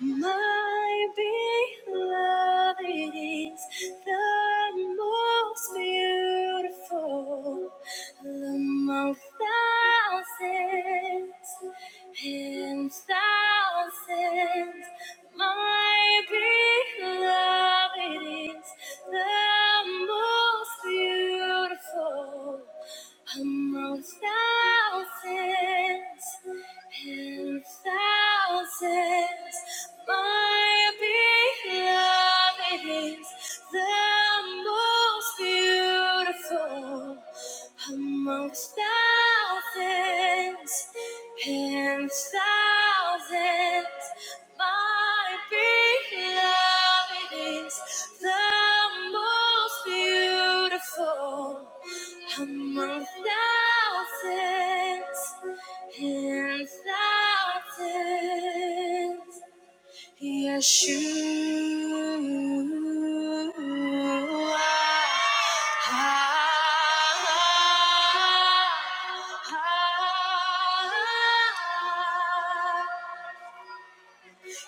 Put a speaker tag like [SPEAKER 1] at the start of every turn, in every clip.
[SPEAKER 1] My beloved is the most beautiful among thousands and thousands. My beloved is the most beautiful among thousands and thousands. My beloved is the most beautiful amongst thousands and thousands. My beloved is the most beautiful among thousands. And Hymns that says, Yeshua. Ah, ah, ah, ah.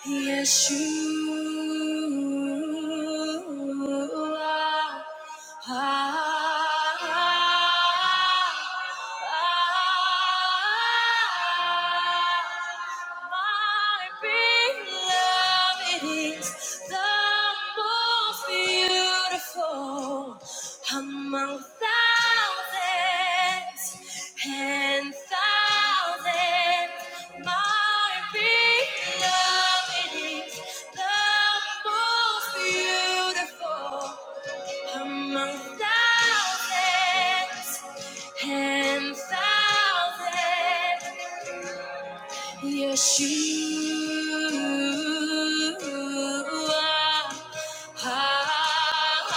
[SPEAKER 1] Yes, you are. Ah, My beloved is the most beautiful among thousands. And Ten thousand might be loving it is the most beautiful among thousands. and thousands. Yes, you are. Ah, ah,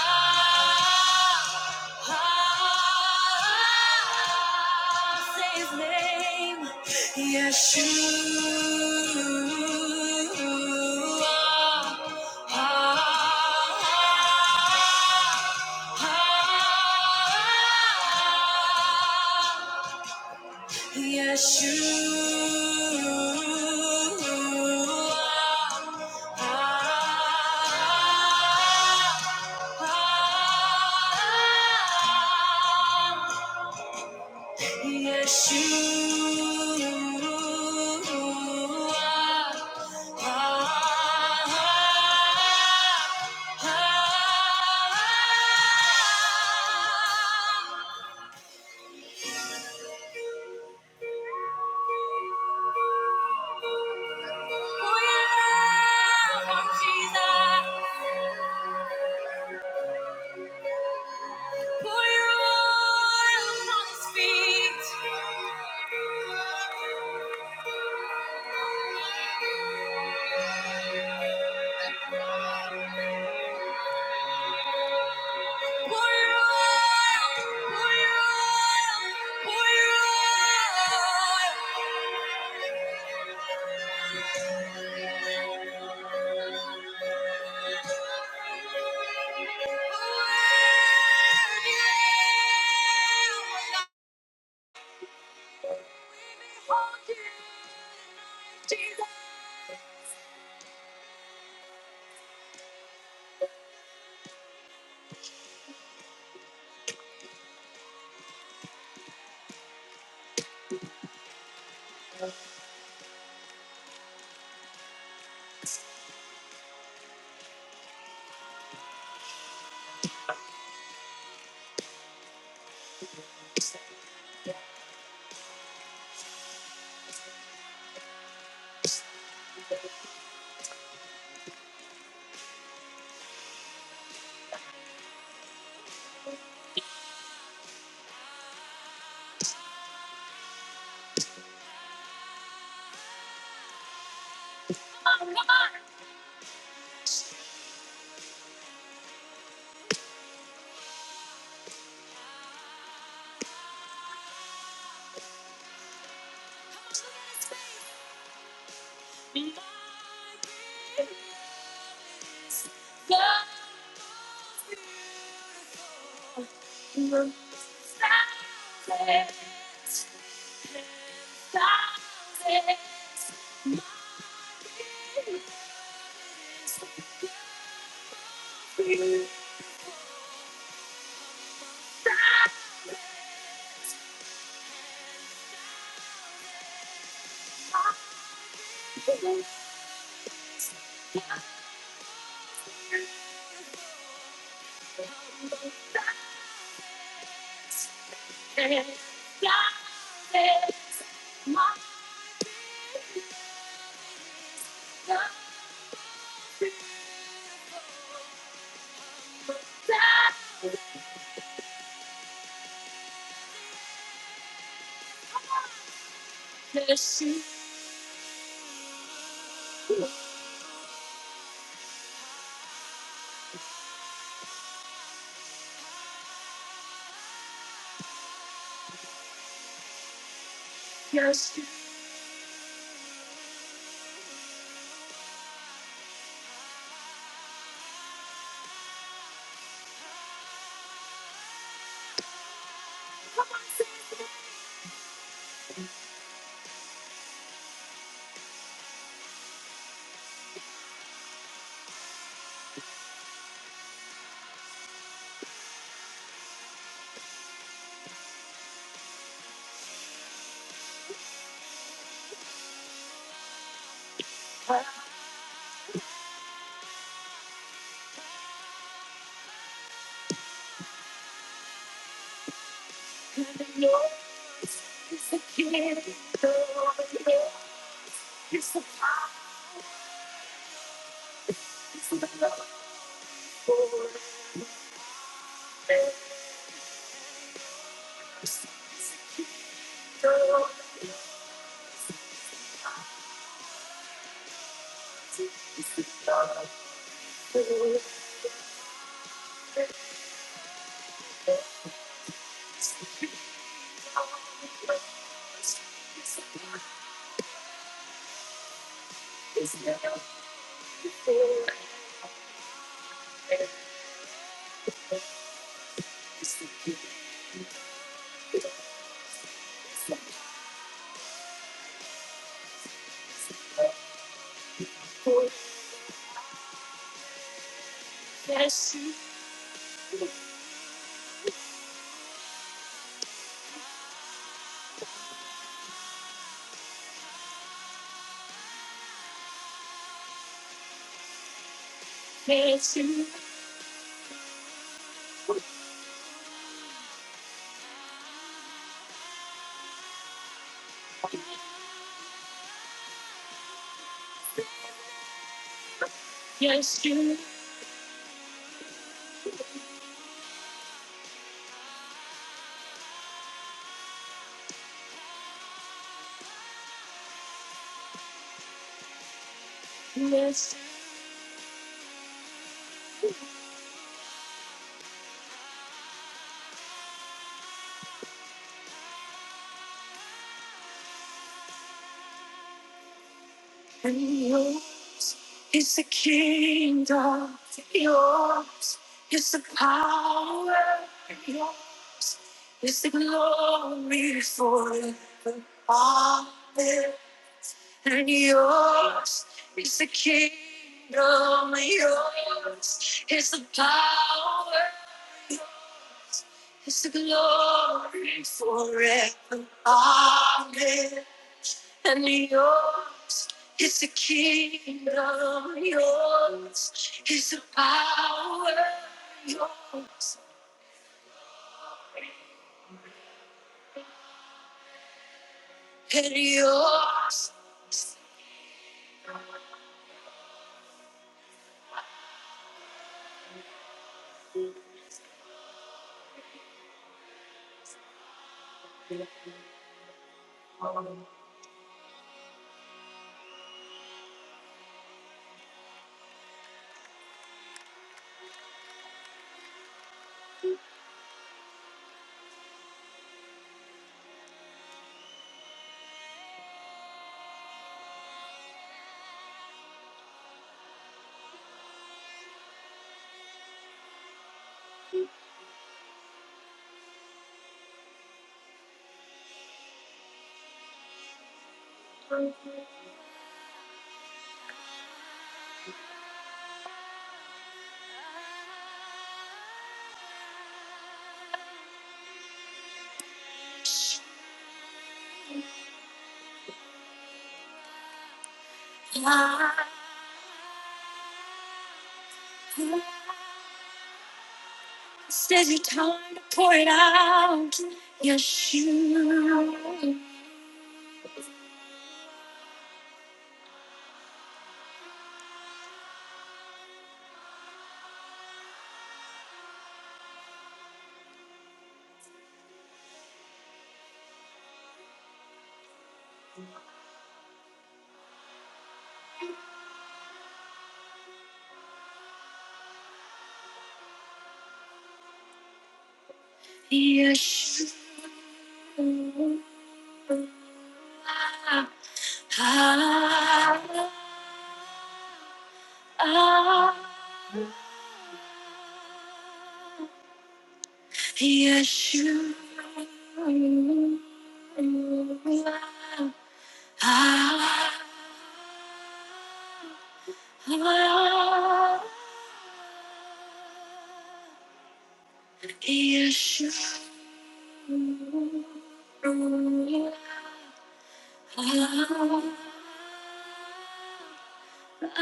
[SPEAKER 1] ah, Say his name. Yes, you are. Ah, ah, ah, Yes, you are. Yes, you are. Pour your love on Jesus. Pour your Pour your oil, pour your oil, pour your oil. Jesus. My love is thousands, thousands, thousands, miles away. The shoes you choose are getting old. It's a game of love forever. Yes, you, yes, you, yes, you, yes, and yours is the kingdom, yours is the power, yours is the glory forever. Amen. and yours is the kingdom, yours is the power, is the glory forever. Amen. And yours is the kingdom, yours is the power, yours and yours. Says you're time to pour it out. Yes, you. Yeshua. Ah, ah, Yeshua. Ah, ah, Yeshua. Ah, Yes,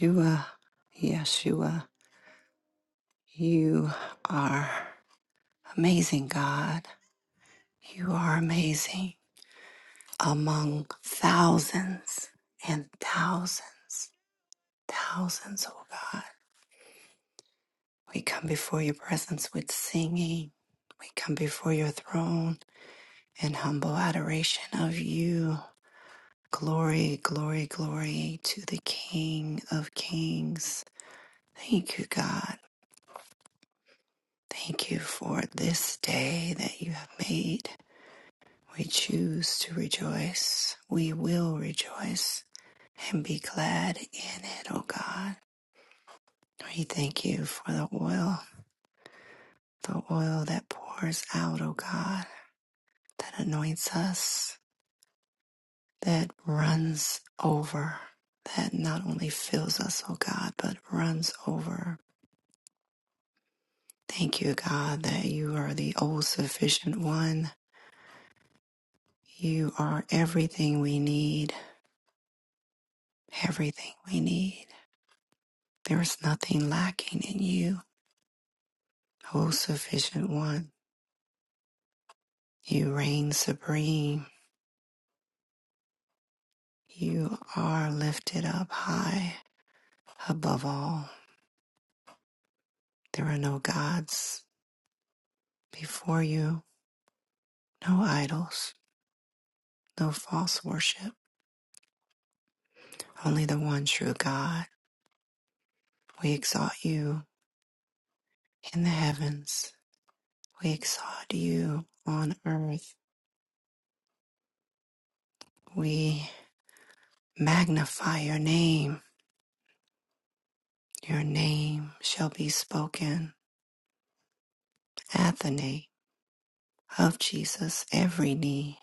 [SPEAKER 1] you are. Yeshua, Yeshua, you are amazing, God. You are amazing among thousands and thousands, thousands, oh God. We come before your presence with singing. We come before your throne In humble adoration of you. Glory, glory, glory to the King of Kings. Thank you, God. Thank you for this day that you have made. We choose to rejoice. We will rejoice and be glad in it, O God. We thank you for the oil, the oil that pours out, O God, that anoints us that runs over, that not only fills us, oh God, but runs over. Thank you, God, that you are the all sufficient one. You are everything we need, everything we need. There is nothing lacking in you, all sufficient one. You reign supreme. You are lifted up high above all. There are no gods before you, no idols, no false worship only the one true God. We exalt you in the heavens. We exalt you on earth. We magnify your name. Your name shall be spoken at the name of Jesus. Every knee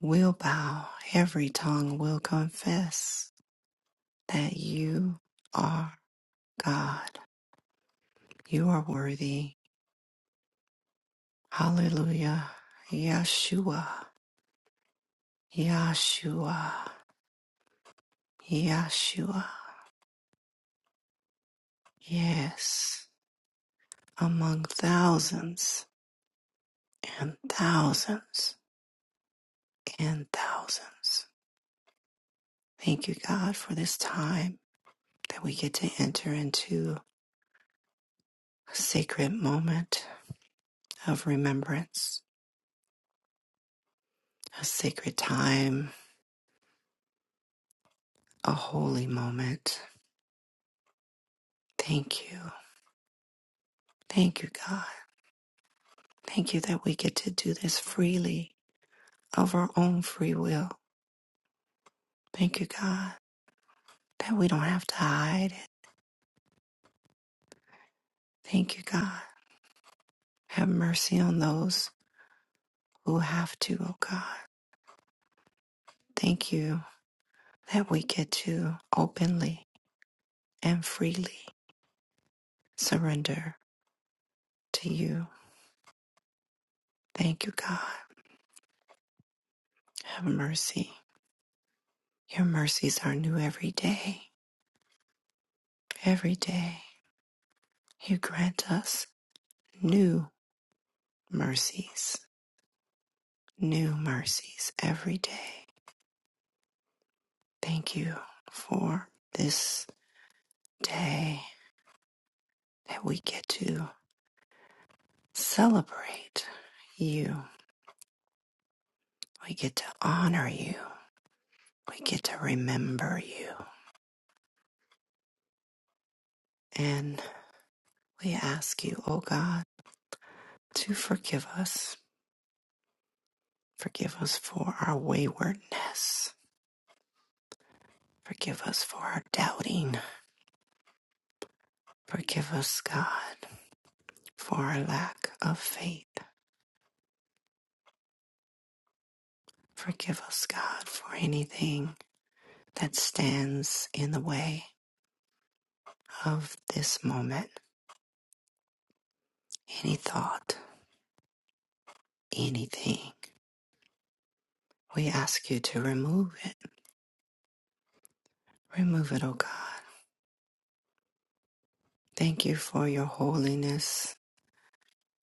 [SPEAKER 1] will bow, every tongue will confess that you are God. You are worthy. Hallelujah. Yeshua. Yeshua. Yeshua. Yes, among thousands and thousands and thousands. Thank you, God, for this time that we get to enter into a sacred moment of remembrance, a sacred time, a holy moment. Thank you. Thank you, God. Thank you that we get to do this freely of our own free will. Thank you, God, that we don't have to hide it. Thank you, God. Have mercy on those who have to, oh God. Thank you that we get to openly and freely surrender to you. Thank you, God. Have mercy. Your mercies are new every day. Every day you grant us new mercies, new mercies every day. Thank you for this day that we get to celebrate you. We get to honor you. We get to remember you. And we ask you, O God, to forgive us. Forgive us for our waywardness. Forgive us for our doubting. Forgive us, God, for our lack of faith. Forgive us, God, for anything that stands in the way of this moment. Any thought, anything. We ask you to remove it. Remove it, O God. Thank you for your holiness.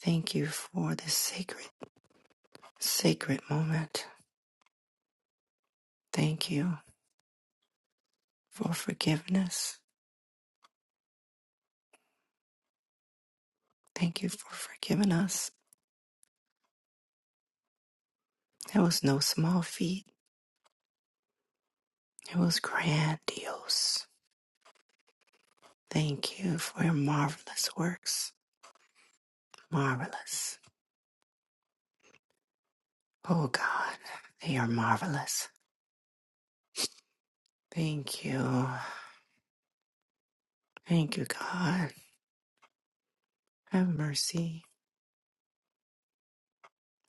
[SPEAKER 1] Thank you for this sacred. sacred moment. Thank you for forgiveness. Thank you for forgiving us. It was no small feat, it was grandiose. Thank you for your marvelous works. Marvelous. Oh God, they are marvelous. Thank you. Thank you, God. Have mercy.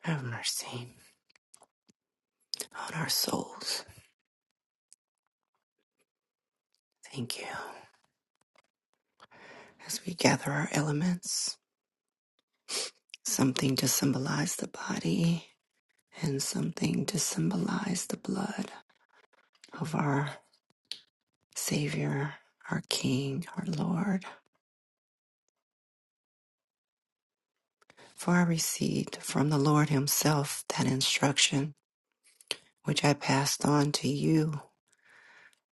[SPEAKER 1] Have mercy on our souls. Thank you. As we gather our elements, something to symbolize the body, and something to symbolize the blood of our Savior, our King, our Lord. For I received from the Lord Himself that instruction which I passed on to you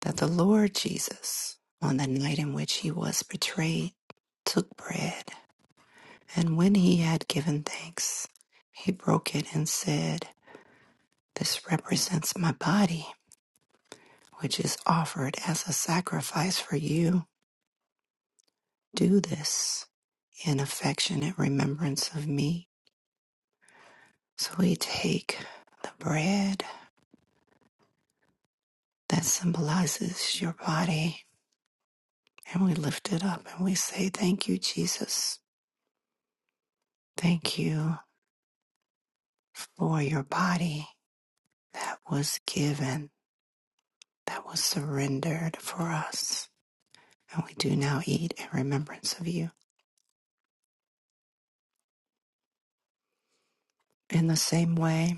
[SPEAKER 1] that the Lord Jesus, on the night in which He was betrayed, took bread, and when He had given thanks, He broke it and said, This represents my body, which is offered as a sacrifice for you. Do this in affectionate remembrance of me. So we take the bread that symbolizes your body and we lift it up and we say, Thank you, Jesus. Thank you for your body that was given, that was surrendered for us. And we do now eat in remembrance of you. In the same way,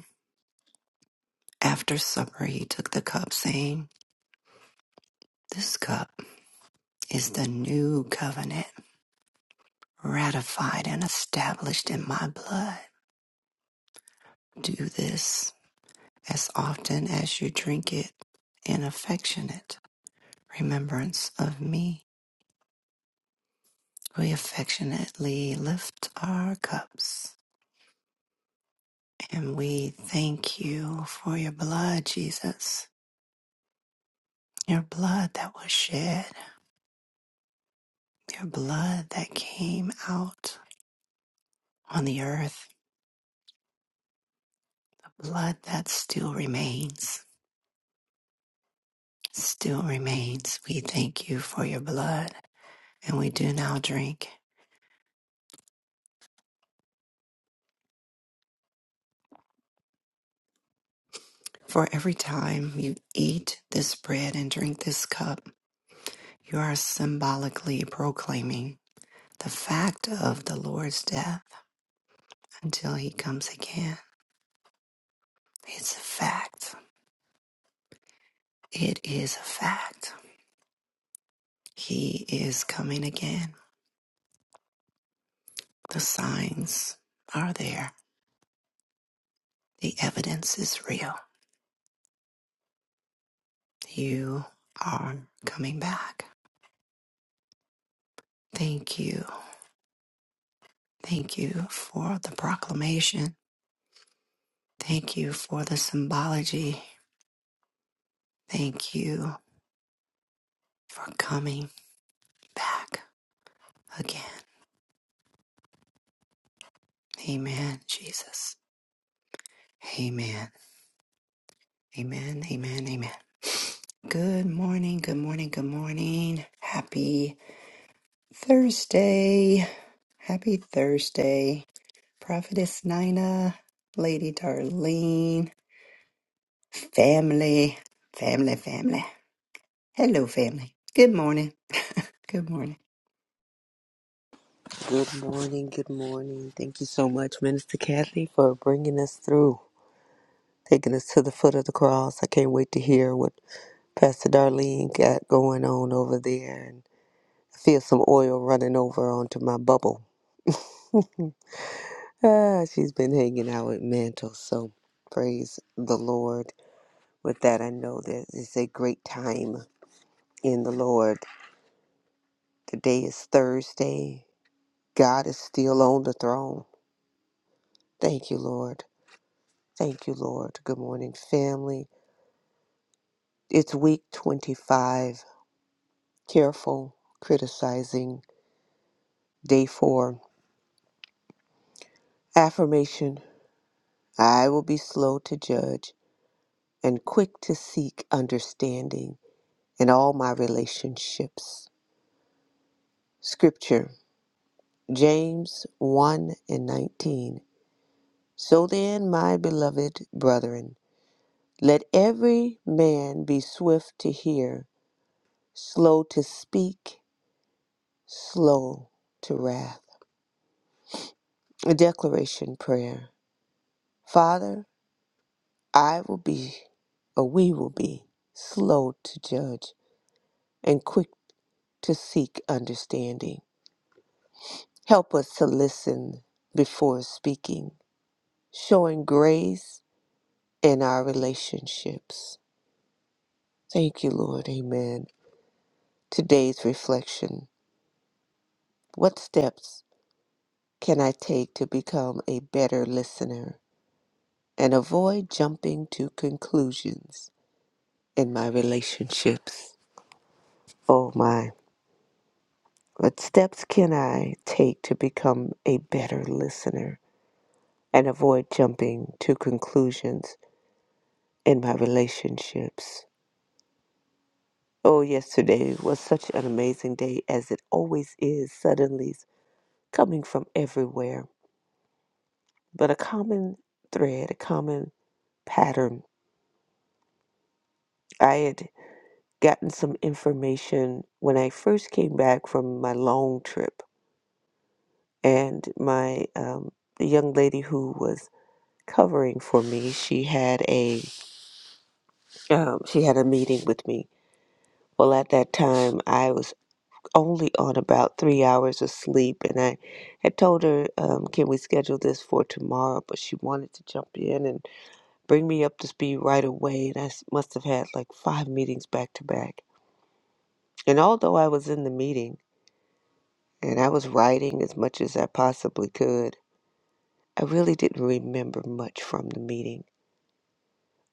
[SPEAKER 1] after supper, he took the cup, saying, This cup is the new covenant ratified and established in my blood. Do this as often as you drink it in affectionate remembrance of me. We affectionately lift our cups and we thank you for your blood, Jesus. Your blood that was shed, your blood that came out on the earth, blood that still remains, still remains. We thank you for your blood and we do now drink. For every time you eat this bread and drink this cup, you are symbolically proclaiming the fact of the Lord's death until he comes again. It's a fact. It is a fact. He is coming again. The signs are there. The evidence is real. You are coming back. Thank you. Thank you for the proclamation. Thank you for the symbology. Thank you for coming back again. Amen, Jesus. Amen. Amen. Amen. Amen. Good morning. Good morning. Good morning. Happy Thursday. Happy Thursday. Prophetess Nina, Lady Darlene, family, family, family. Hello, family. Good morning. Good morning.
[SPEAKER 2] Good morning, good morning. Thank you so much, Minister Kathy, for bringing us through, taking us to the foot of the cross. I can't wait to hear what Pastor Darlene got going on over there. And I feel some oil running over onto my bubble. Ah, she's been hanging out with Mantle, so praise the Lord. With that, I know that it's a great time in the Lord. Today is Thursday. God is still on the throne. Thank you, Lord. Thank you, Lord. Good morning, family. It's week 25, careful criticizing, day four. Affirmation I will be slow to judge and quick to seek understanding in all my relationships. Scripture James 1 and 19. So then, my beloved brethren, let every man be swift to hear, slow to speak, slow to wrath. A declaration prayer. Father, I will be, or we will be, slow to judge and quick to seek understanding. Help us to listen before speaking, showing grace in our relationships. Thank you, Lord. Amen. Today's reflection What steps can I take to become a better listener and avoid jumping to conclusions in my relationships? Oh, my. What steps can I take to become a better listener and avoid jumping to conclusions in my relationships? Oh, yesterday was such an amazing day as it always is, Suddenly, coming from everywhere. But a common thread, a common pattern, I had gotten some information when I first came back from my long trip, and my um, the young lady who was covering for me, she had a um, she had a meeting with me. Well, at that time, I was only on about three hours of sleep, and I had told her, um, "Can we schedule this for tomorrow?" But she wanted to jump in and bring me up to speed right away, and I s- must have had like five meetings back to back. And although I was in the meeting and I was writing as much as I possibly could, I really didn't remember much from the meeting.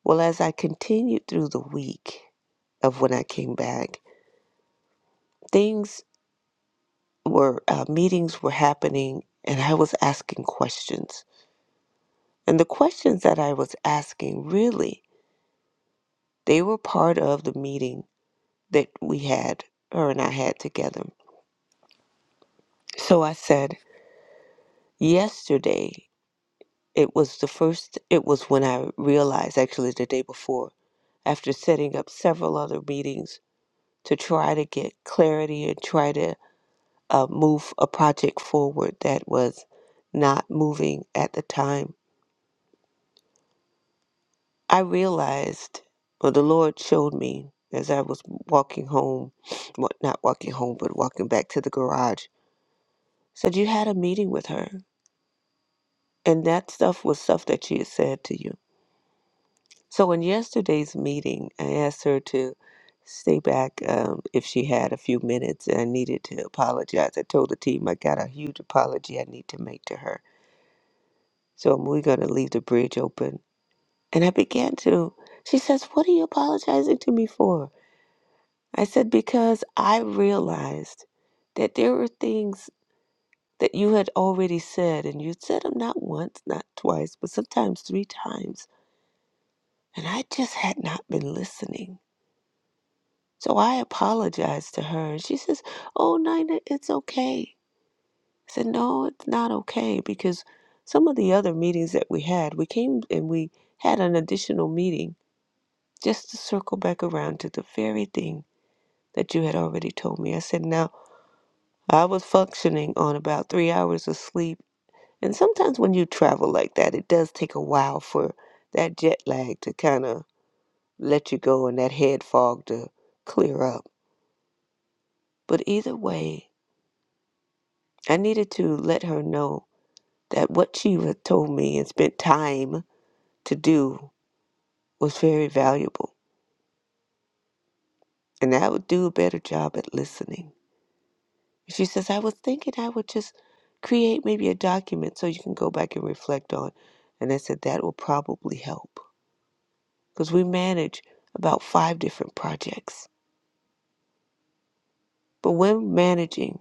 [SPEAKER 2] Well, as I continued through the week of when I came back, things were uh, meetings were happening and i was asking questions and the questions that i was asking really they were part of the meeting that we had her and i had together so i said yesterday it was the first it was when i realized actually the day before after setting up several other meetings to try to get clarity and try to uh, move a project forward that was not moving at the time I realized, or the Lord showed me as I was walking home, wa- not walking home, but walking back to the garage, said, You had a meeting with her. And that stuff was stuff that she had said to you. So in yesterday's meeting, I asked her to stay back um, if she had a few minutes and I needed to apologize. I told the team I got a huge apology I need to make to her. So we're going to leave the bridge open. And I began to, she says, What are you apologizing to me for? I said, because I realized that there were things that you had already said, and you'd said them not once, not twice, but sometimes three times. And I just had not been listening. So I apologized to her, and she says, Oh, Nina, it's okay. I said, No, it's not okay, because some of the other meetings that we had, we came and we had an additional meeting just to circle back around to the very thing that you had already told me. I said, Now, I was functioning on about three hours of sleep. And sometimes when you travel like that, it does take a while for that jet lag to kind of let you go and that head fog to clear up. But either way, I needed to let her know that what she had told me and spent time to do was very valuable. And I would do a better job at listening. She says, I was thinking I would just create maybe a document so you can go back and reflect on. And I said, that will probably help. because we manage about five different projects. But when managing,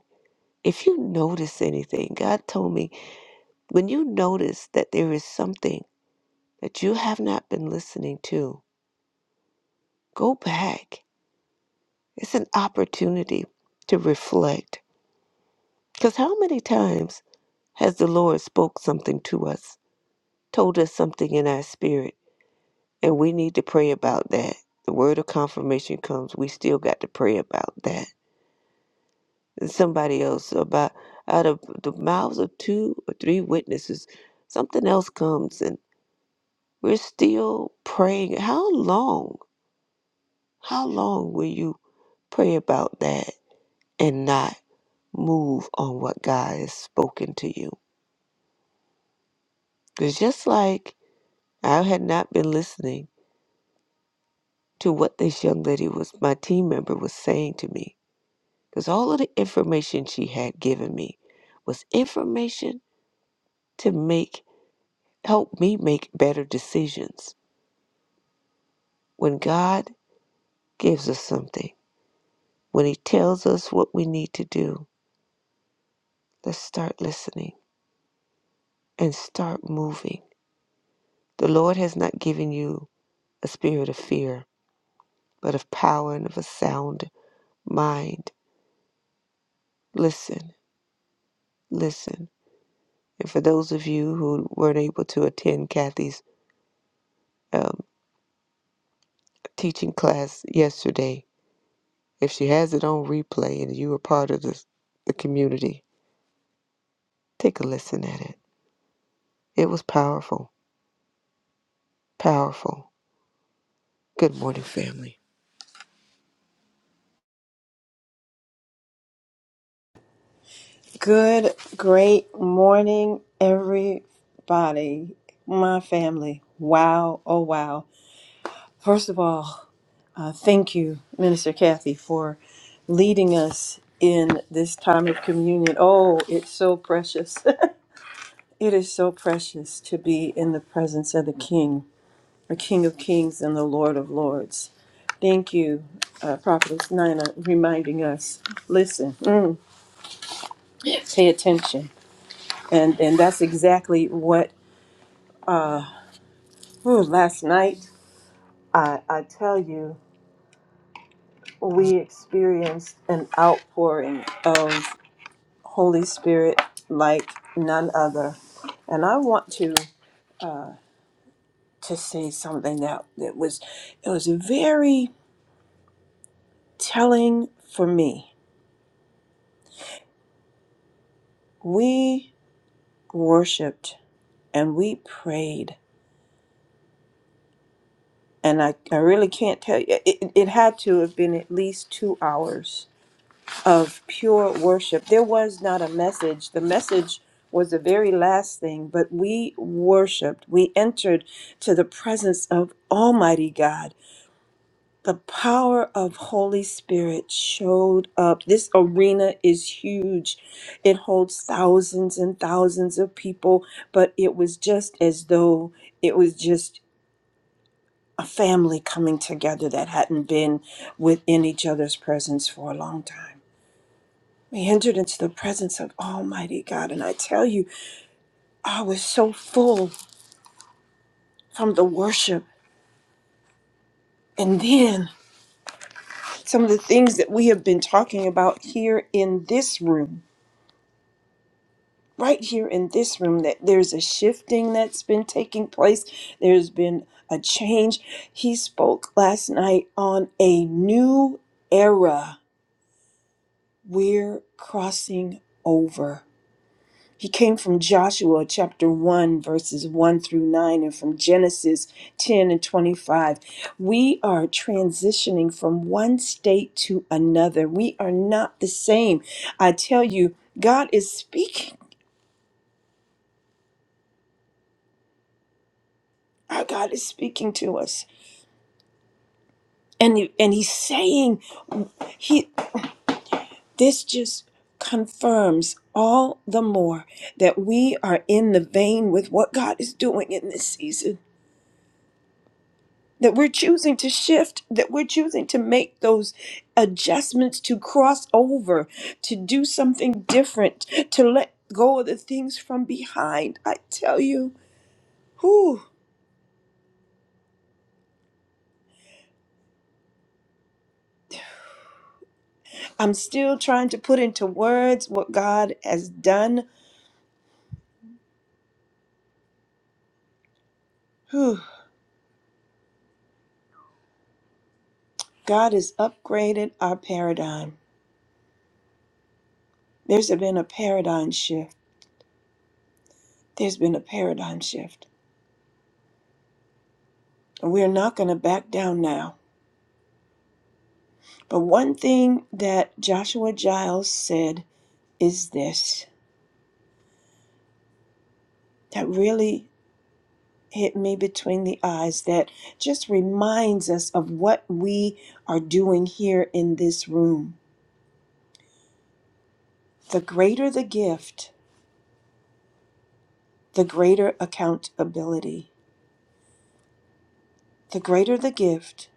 [SPEAKER 2] if you notice anything, God told me, when you notice that there is something that you have not been listening to, go back. It's an opportunity to reflect. Because how many times has the Lord spoke something to us, told us something in our spirit, and we need to pray about that? The word of confirmation comes, we still got to pray about that somebody else about out of the mouths of two or three witnesses something else comes and we're still praying how long how long will you pray about that and not move on what god has spoken to you it's just like i had not been listening to what this young lady was my team member was saying to me because all of the information she had given me was information to make help me make better decisions When God gives us something, when He tells us what we need to do, let's start listening and start moving. The Lord has not given you a spirit of fear, but of power and of a sound mind. Listen, listen. And for those of you who weren't able to attend Kathy's um, teaching class yesterday, if she has it on replay and you were part of this, the community, take a listen at it. It was powerful, powerful. Good morning, family.
[SPEAKER 3] Good, great morning, everybody, my family. Wow, oh wow. First of all, uh, thank you, Minister Kathy, for leading us in this time of communion. Oh, it's so precious. it is so precious to be in the presence of the King, the King of Kings and the Lord of Lords. Thank you, uh, Prophetess Nina, reminding us listen, mm, pay attention. And, and that's exactly what Ooh, last night, I, I tell you, we experienced an outpouring of Holy Spirit like none other. And I want to to say something that, that was it was very telling for me. We worshiped and we prayed. And I, I really can't tell you. It, it it had to have been at least two hours of pure worship. There was not a message. The message was the very last thing, but we worshiped. We entered to the presence of Almighty God. The power of Holy Spirit showed up. This arena is huge. It holds thousands and thousands of people, but it was just as though it was just a family coming together that hadn't been within each other's presence for a long time. We entered into the presence of Almighty God, and I tell you, I was so full from the worship. And then some of the things that we have been talking about here in this room, right here in this room, that there's a shifting that's been taking place, there's been a change. He spoke last night on a new era. We're crossing over. He came from Joshua chapter 1, verses 1 through 9, and from Genesis 10 and 25. We are transitioning from one state to another. We are not the same. I tell you, God is speaking. Our God is speaking to us. And, and he's saying he this just confirms all the more that we are in the vein with what God is doing in this season that we're choosing to shift, that we're choosing to make those adjustments to cross over, to do something different, to let go of the things from behind. I tell you, whew, I'm still trying to put into words what God has done. Whew, God has upgraded our paradigm. There's been a paradigm shift. There's been a paradigm shift. And we're not going to back down now. But one thing that Joshua Giles said is this that really hit me between the eyes that just reminds us of what we are doing here in this room. The greater the gift, the greater accountability. The greater the gift,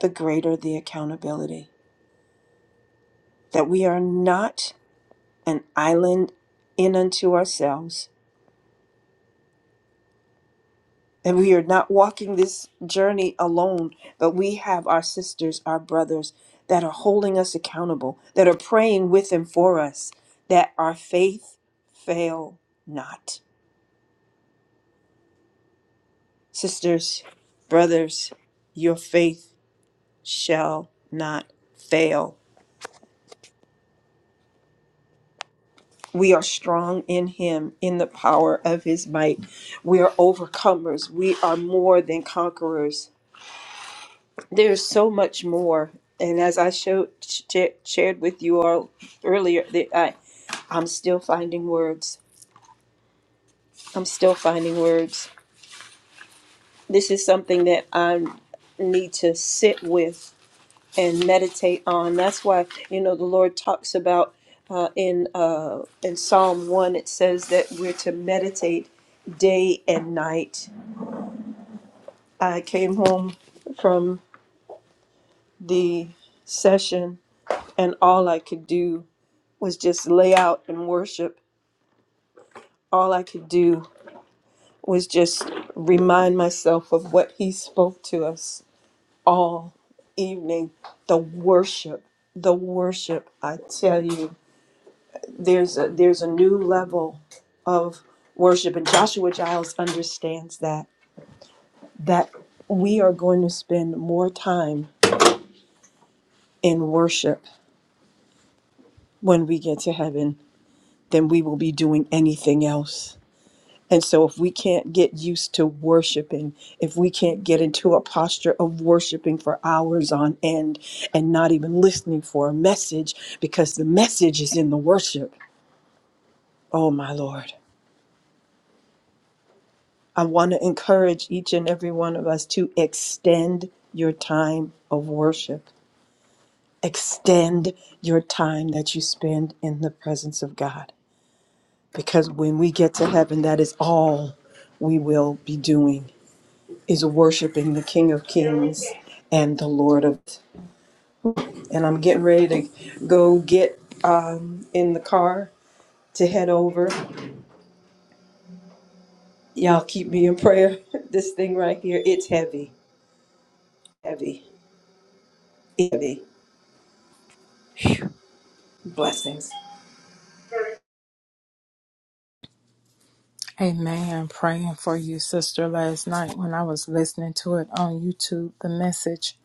[SPEAKER 3] the greater the accountability. That we are not an island in unto ourselves, And we are not walking this journey alone, but we have our sisters, our brothers that are holding us accountable, that are praying with and for us, that our faith fail not. Sisters, brothers, your faith shall not fail. We are strong in Him, in the power of His might. We are overcomers. We are more than conquerors. There's so much more, and as I showed sh- shared with you all earlier, that I I'm still finding words. I'm still finding words. This is something that I need to sit with and meditate on. That's why you know the Lord talks about uh, in uh, in Psalm one. It says that we're to meditate day and night. I came home from the session, and all I could do was just lay out and worship. All I could do was just remind myself of what he spoke to us all evening. The worship, the worship. I tell you, there's a there's a new level of worship, and Joshua Giles understands that that we are going to spend more time in worship when we get to heaven than we will be doing anything else And so, if we can't get used to worshiping, if we can't get into a posture of worshiping for hours on end and not even listening for a message because the message is in the worship, oh my Lord, I want to encourage each and every one of us to extend your time of worship, extend your time that you spend in the presence of God. Because when we get to heaven, that is all we will be doing is worshiping the King of Kings and the Lord of. And I'm getting ready to go get in the car to head over. Y'all keep me in prayer. This thing right here, it's heavy, heavy, heavy. Blessings.
[SPEAKER 4] Amen. Praying for you, sister. Last night when I was listening to it on YouTube, the message,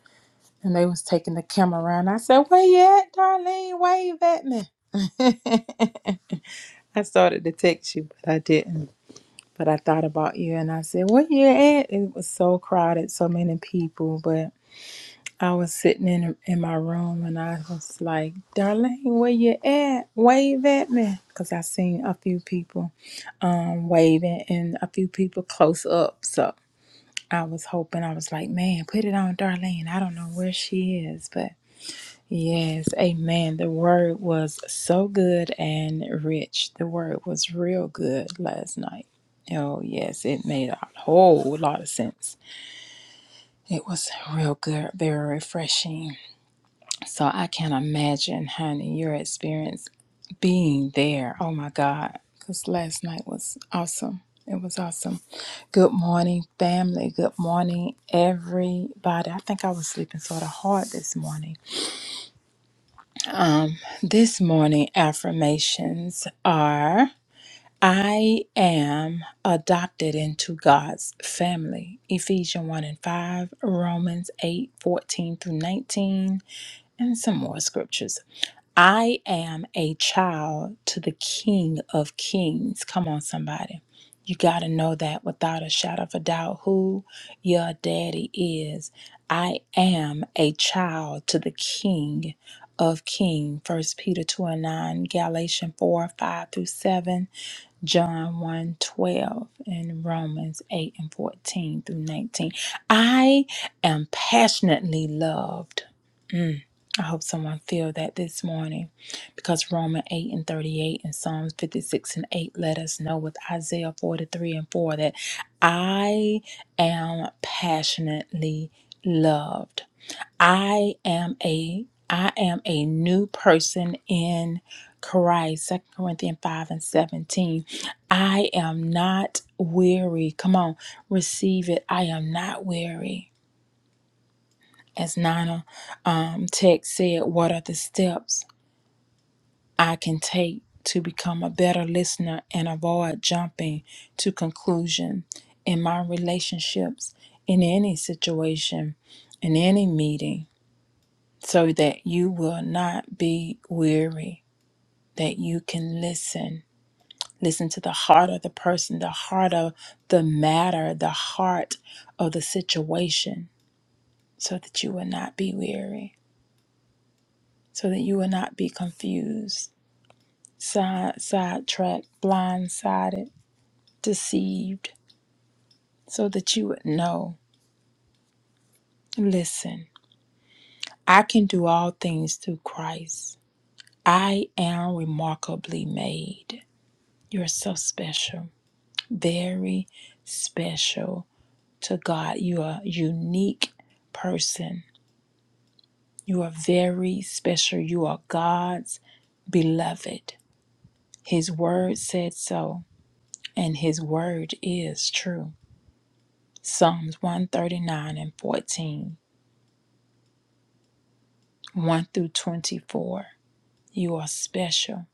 [SPEAKER 4] and they was taking the camera around. I said, "Where you at, Darlene? Wave at me." I started to text you, but I didn't. But I thought about you, and I said, "Where you at?" It was so crowded, so many people. But I was sitting in in my room, and I was like, "Darlene, where you at? Wave at me," because I seen a few people um waving and a few people close up. So. I was hoping, I was like, man, put it on Darlene. I don't know where she is, but yes, amen. The word was so good and rich. The word was real good last night. Oh, yes, it made a whole lot of sense. It was real good, very refreshing. So I can imagine, honey, your experience being there. Oh my God, because last night was awesome. It was awesome. Good morning, family. Good morning, everybody. I think I was sleeping sort of hard this morning. Um, this morning affirmations are I am adopted into God's family. Ephesians 1 and 5, Romans 8 14 through 19, and some more scriptures I am a child to the King of Kings. Come on, somebody. You got to know that without a shadow of a doubt who your daddy is. I am a child to the King of King. First Peter 2 and 9, Galatians 4, 5 through 7. John one 12 and Romans 8 and 14 through 19. I am passionately loved. Mm, I hope someone feel that this morning because Romans 8 and 38 and Psalms 56 and 8 let us know with Isaiah 43 and 4 that I am passionately loved. I am a I am a new person in Christ. Second Corinthians 5 and 17. I am not weary. Come on, receive it. I am not weary. As Nana um, Tech said, what are the steps I can take to become a better listener and avoid jumping to conclusion in my relationships, in any situation, in any meeting? so that you will not be weary, that you can listen. Listen to the heart of the person, the heart of the matter, the heart of the situation, so that you will not be weary, so that you will not be confused, side sidetracked, blindsided, deceived, so that you would know. Listen, I can do all things through Christ. I am remarkably made. You're so special. very special to God. You are a unique person. You are very special. You are God's beloved. His word said so, and his word is true. Psalms 139 and fourteen, one through 24. You are special.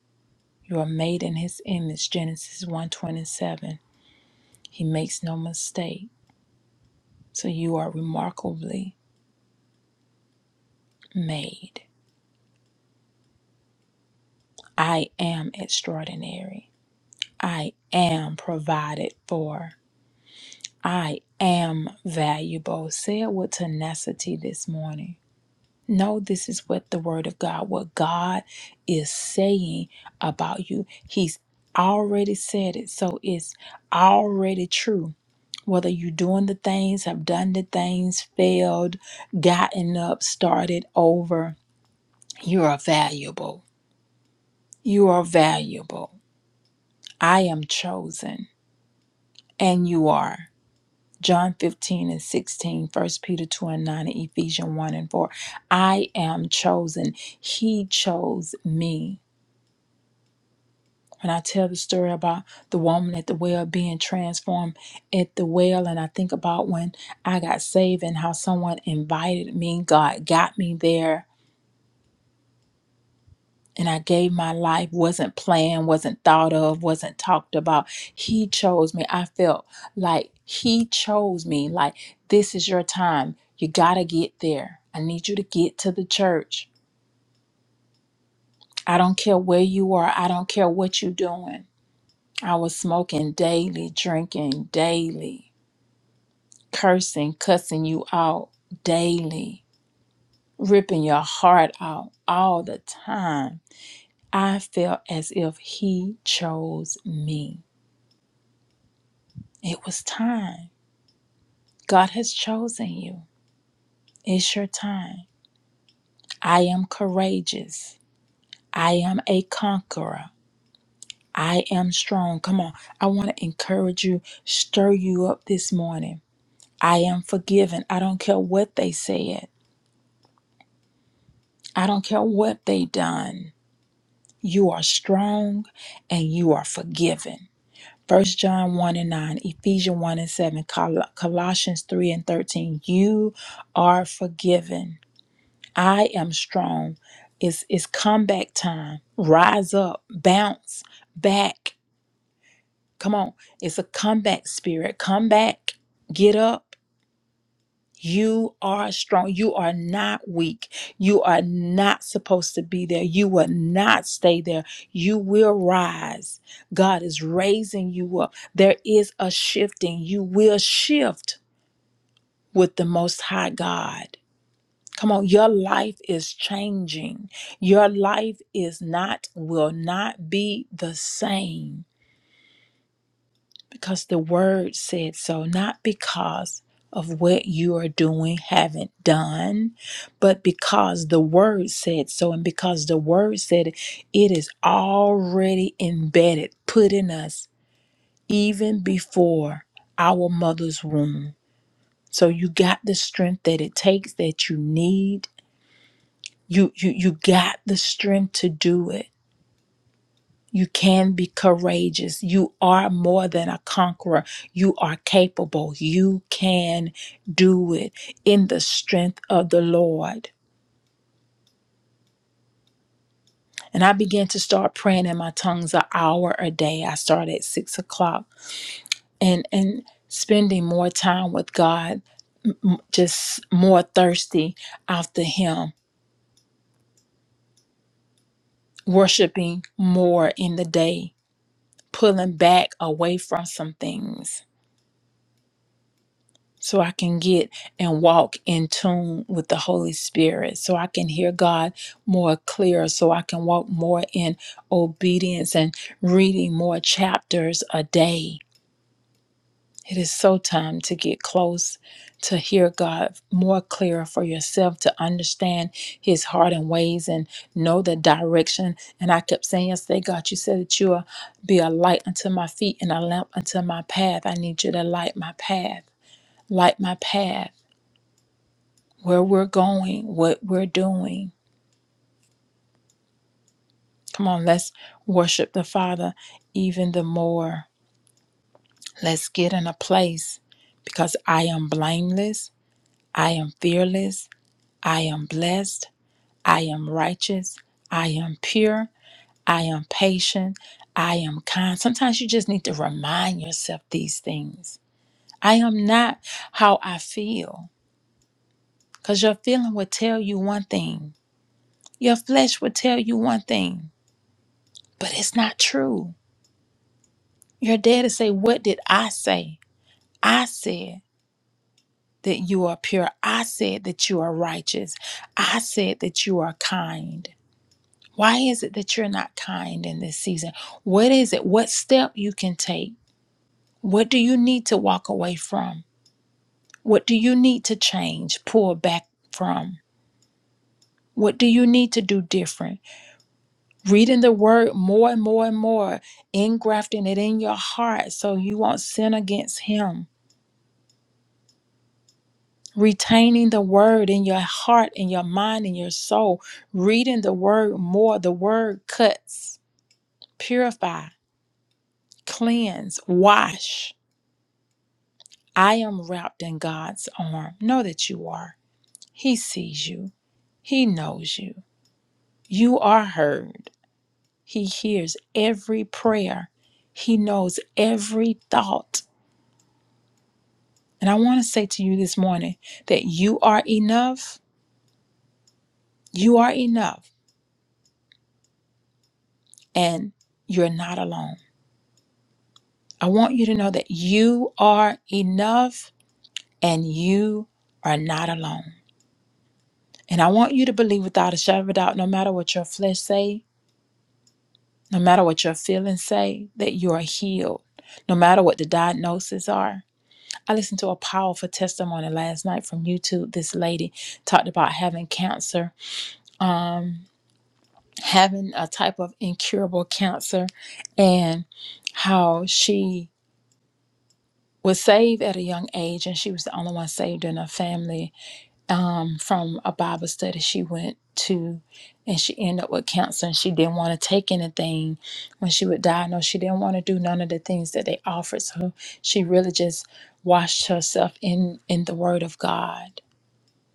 [SPEAKER 4] You are made in his image. Genesis one twenty seven. He makes no mistake. So you are remarkably made. I am extraordinary. I am provided for. I am valuable. Say it with tenacity this morning. No, this is what the Word of God, what God is saying about you. He's already said it, so it's already true. Whether you're doing the things, have done the things, failed, gotten up, started over, you are valuable. You are valuable. I am chosen. and you are. John 15 and 16, First Peter 2 and 9, and Ephesians 1 and 4. I am chosen. He chose me. When I tell the story about the woman at the well being transformed at the well, and I think about when I got saved and how someone invited me, God got me there and I gave my life, wasn't planned, wasn't thought of, wasn't talked about. He chose me. I felt like He chose me. Like, this is your time. You got to get there. I need you to get to the church. I don't care where you are, I don't care what you're doing. I was smoking daily, drinking daily, cursing, cussing you out daily, ripping your heart out all the time. I felt as if He chose me. It was time. God has chosen you. It's your time. I am courageous. I am a conqueror. I am strong. Come on. I want to encourage you, stir you up this morning. I am forgiven. I don't care what they said, I don't care what they done. You are strong and you are forgiven. First John 1 and 9, Ephesians 1 and 7, Col- Colossians 3 and 13. You are forgiven I am strong. It's it's comeback time. Rise up, bounce back. Come on. It's a comeback spirit. Come back. Get up. You are strong. You are not weak. You are not supposed to be there. You will not stay there. You will rise. God is raising you up. There is a shifting. You will shift with the Most High God. Come on, your life is changing. Your life is not, will not be the same because the word said so, not because of what you are doing, haven't done, but because the word said so, and because the word said it, it is already embedded, put in us even before our mother's womb. So you got the strength that it takes that you need You you you got the strength to do it. You can be courageous. You are more than a conqueror. You are capable. You can do it in the strength of the Lord. And I began to start praying in my tongues an hour a day. I started at six o'clock and and spending more time with God, m- just more thirsty after Him, worshiping more in the day, pulling back away from some things so I can get and walk in tune with the Holy Spirit, so I can hear God more clear, so I can walk more in obedience and reading more chapters a day. It is so time to get close to hear God more clear for yourself to understand his heart and ways and know the direction. And I kept saying yesterday, God, you said that you will be a light unto my feet and a lamp unto my path. I need you to light my path. Light my path where we're going, what we're doing. Come on, let's worship the Father even the more. Let's get in a place because I am blameless, I am fearless, I am blessed, I am righteous, I am pure, I am patient, I am kind. Sometimes you just need to remind yourself these things. I am not how I feel because your feeling will tell you one thing, your flesh will tell you one thing, but it's not true. Your daddy say, What did I say? I said that you are pure. I said that you are righteous. I said that you are kind. Why is it that you're not kind in this season? What is it? What step you can take? What do you need to walk away from? What do you need to change, pull back from? What do you need to do different? Reading the word more and more and more, engrafting it in your heart so you won't sin against him retaining the word in your heart in your mind in your soul reading the word more the word cuts purify cleanse wash i am wrapped in god's arm know that you are he sees you he knows you you are heard he hears every prayer he knows every thought and i want to say to you this morning that you are enough you are enough and you're not alone I want you to know that you are enough and you are not alone. And I want you to believe without a shadow of a doubt, no matter what your flesh say, no matter what your feelings say, that you are healed, no matter what the diagnoses are. I listened to a powerful testimony last night from YouTube. This lady talked about having cancer, um, having a type of incurable cancer, and how she was saved at a young age, and she was the only one saved in her family um, from a Bible study she went to, and she ended up with cancer, and she didn't want to take anything. When she would diagnose, she didn't want to do none of the things that they offered. So she really just washed herself in in the Word of God.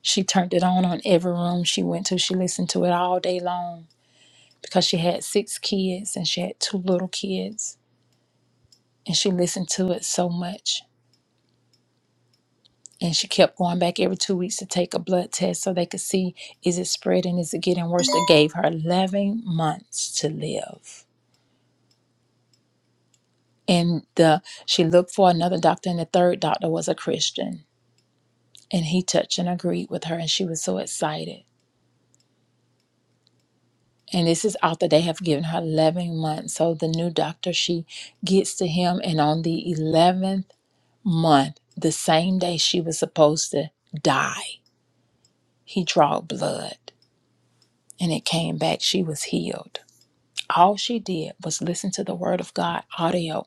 [SPEAKER 4] She turned it on on every room she went to. She listened to it all day long because she had six kids and she had two little kids, and she listened to it so much and she kept going back every two weeks to take a blood test so they could see is it spreading is it getting worse they gave her 11 months to live and the she looked for another doctor and the third doctor was a christian and he touched and agreed with her and she was so excited and this is after they have given her 11 months so the new doctor she gets to him and on the 11th month the same day she was supposed to die he drawed blood and it came back she was healed All she did was listen to the Word of God audio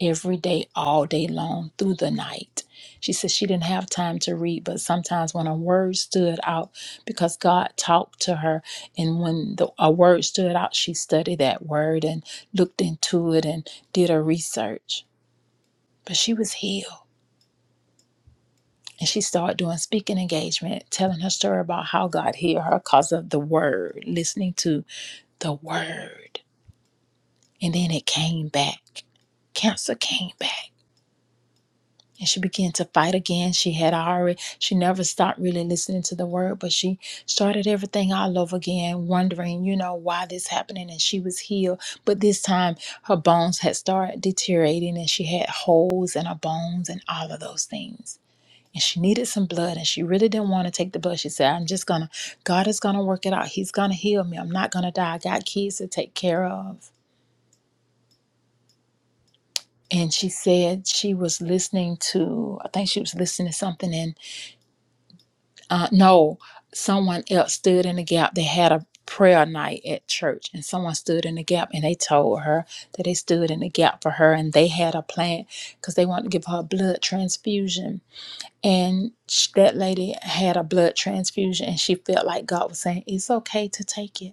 [SPEAKER 4] every day, all day long, through the night. She said she didn't have time to read, but sometimes when a word stood out, because God talked to her, and when the, a word stood out, she studied that word and looked into it and did her research. But she was healed. And she started doing speaking engagement, telling her story about how God healed her because of the word, listening to the word. And then it came back. Cancer came back and she began to fight again. She had already, she never stopped really listening to the word, but she started everything all over again, wondering, you know, why this happening. And she was healed. But this time her bones had started deteriorating and she had holes in her bones and all of those things. And she needed some blood and she really didn't want to take the blood. She said, I'm just going to, God is going to work it out. He's going to heal me. I'm not going to die. I got kids to take care of. and she said she was listening to i think she was listening to something and uh, no someone else stood in the gap they had a prayer night at church and someone stood in the gap and they told her that they stood in the gap for her and they had a plan because they wanted to give her a blood transfusion and sh- that lady had a blood transfusion and she felt like god was saying it's okay to take it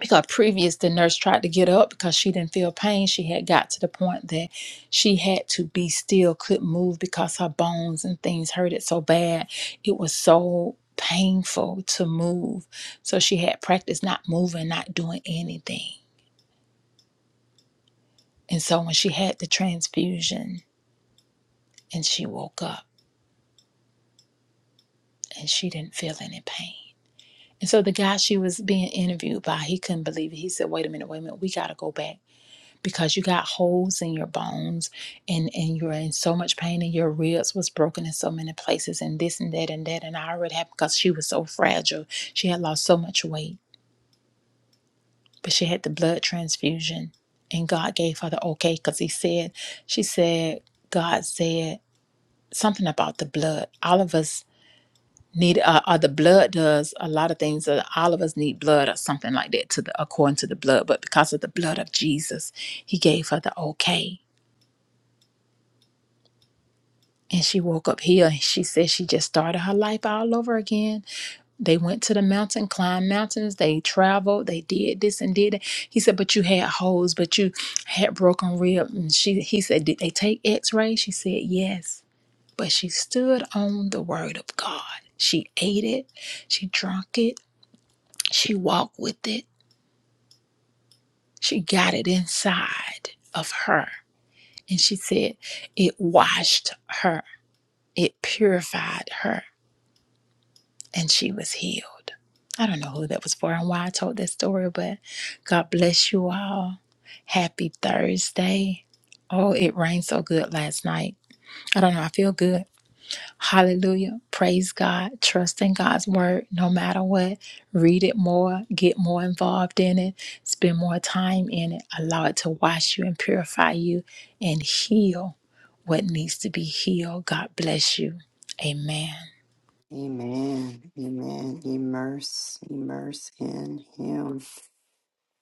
[SPEAKER 4] because previous the nurse tried to get up because she didn't feel pain she had got to the point that she had to be still couldn't move because her bones and things hurted so bad it was so painful to move so she had practiced not moving not doing anything and so when she had the transfusion and she woke up and she didn't feel any pain and so the guy she was being interviewed by he couldn't believe it he said wait a minute wait a minute we got to go back because you got holes in your bones and and you're in so much pain and your ribs was broken in so many places and this and that and that and I already happened because she was so fragile. She had lost so much weight, but she had the blood transfusion and God gave her the okay because he said she said God said something about the blood. All of us need uh, uh the blood does a lot of things uh, all of us need blood or something like that to the according to the blood but because of the blood of jesus he gave her the okay And she woke up here and she said she just started her life all over again. They went to the mountain, climbed mountains, they traveled, they did this and did that. He said, But you had holes, but you had broken rib. And she he said, Did they take x-rays? She said, Yes. But she stood on the word of God. She ate it, she drank it, she walked with it, she got it inside of her. And she said, It washed her, it purified her and she was healed. I don't know who that was for and why I told that story, but God bless you all. Happy Thursday. Oh, it rained so good last night. I don't know. I feel good. Hallelujah. Praise God. Trust in God's word no matter what. Read it more. Get more involved in it. Spend more time in it. Allow it to wash you and purify you and heal what needs to be healed. God bless you. Amen.
[SPEAKER 1] Amen. Amen. Immerse, immerse in Him.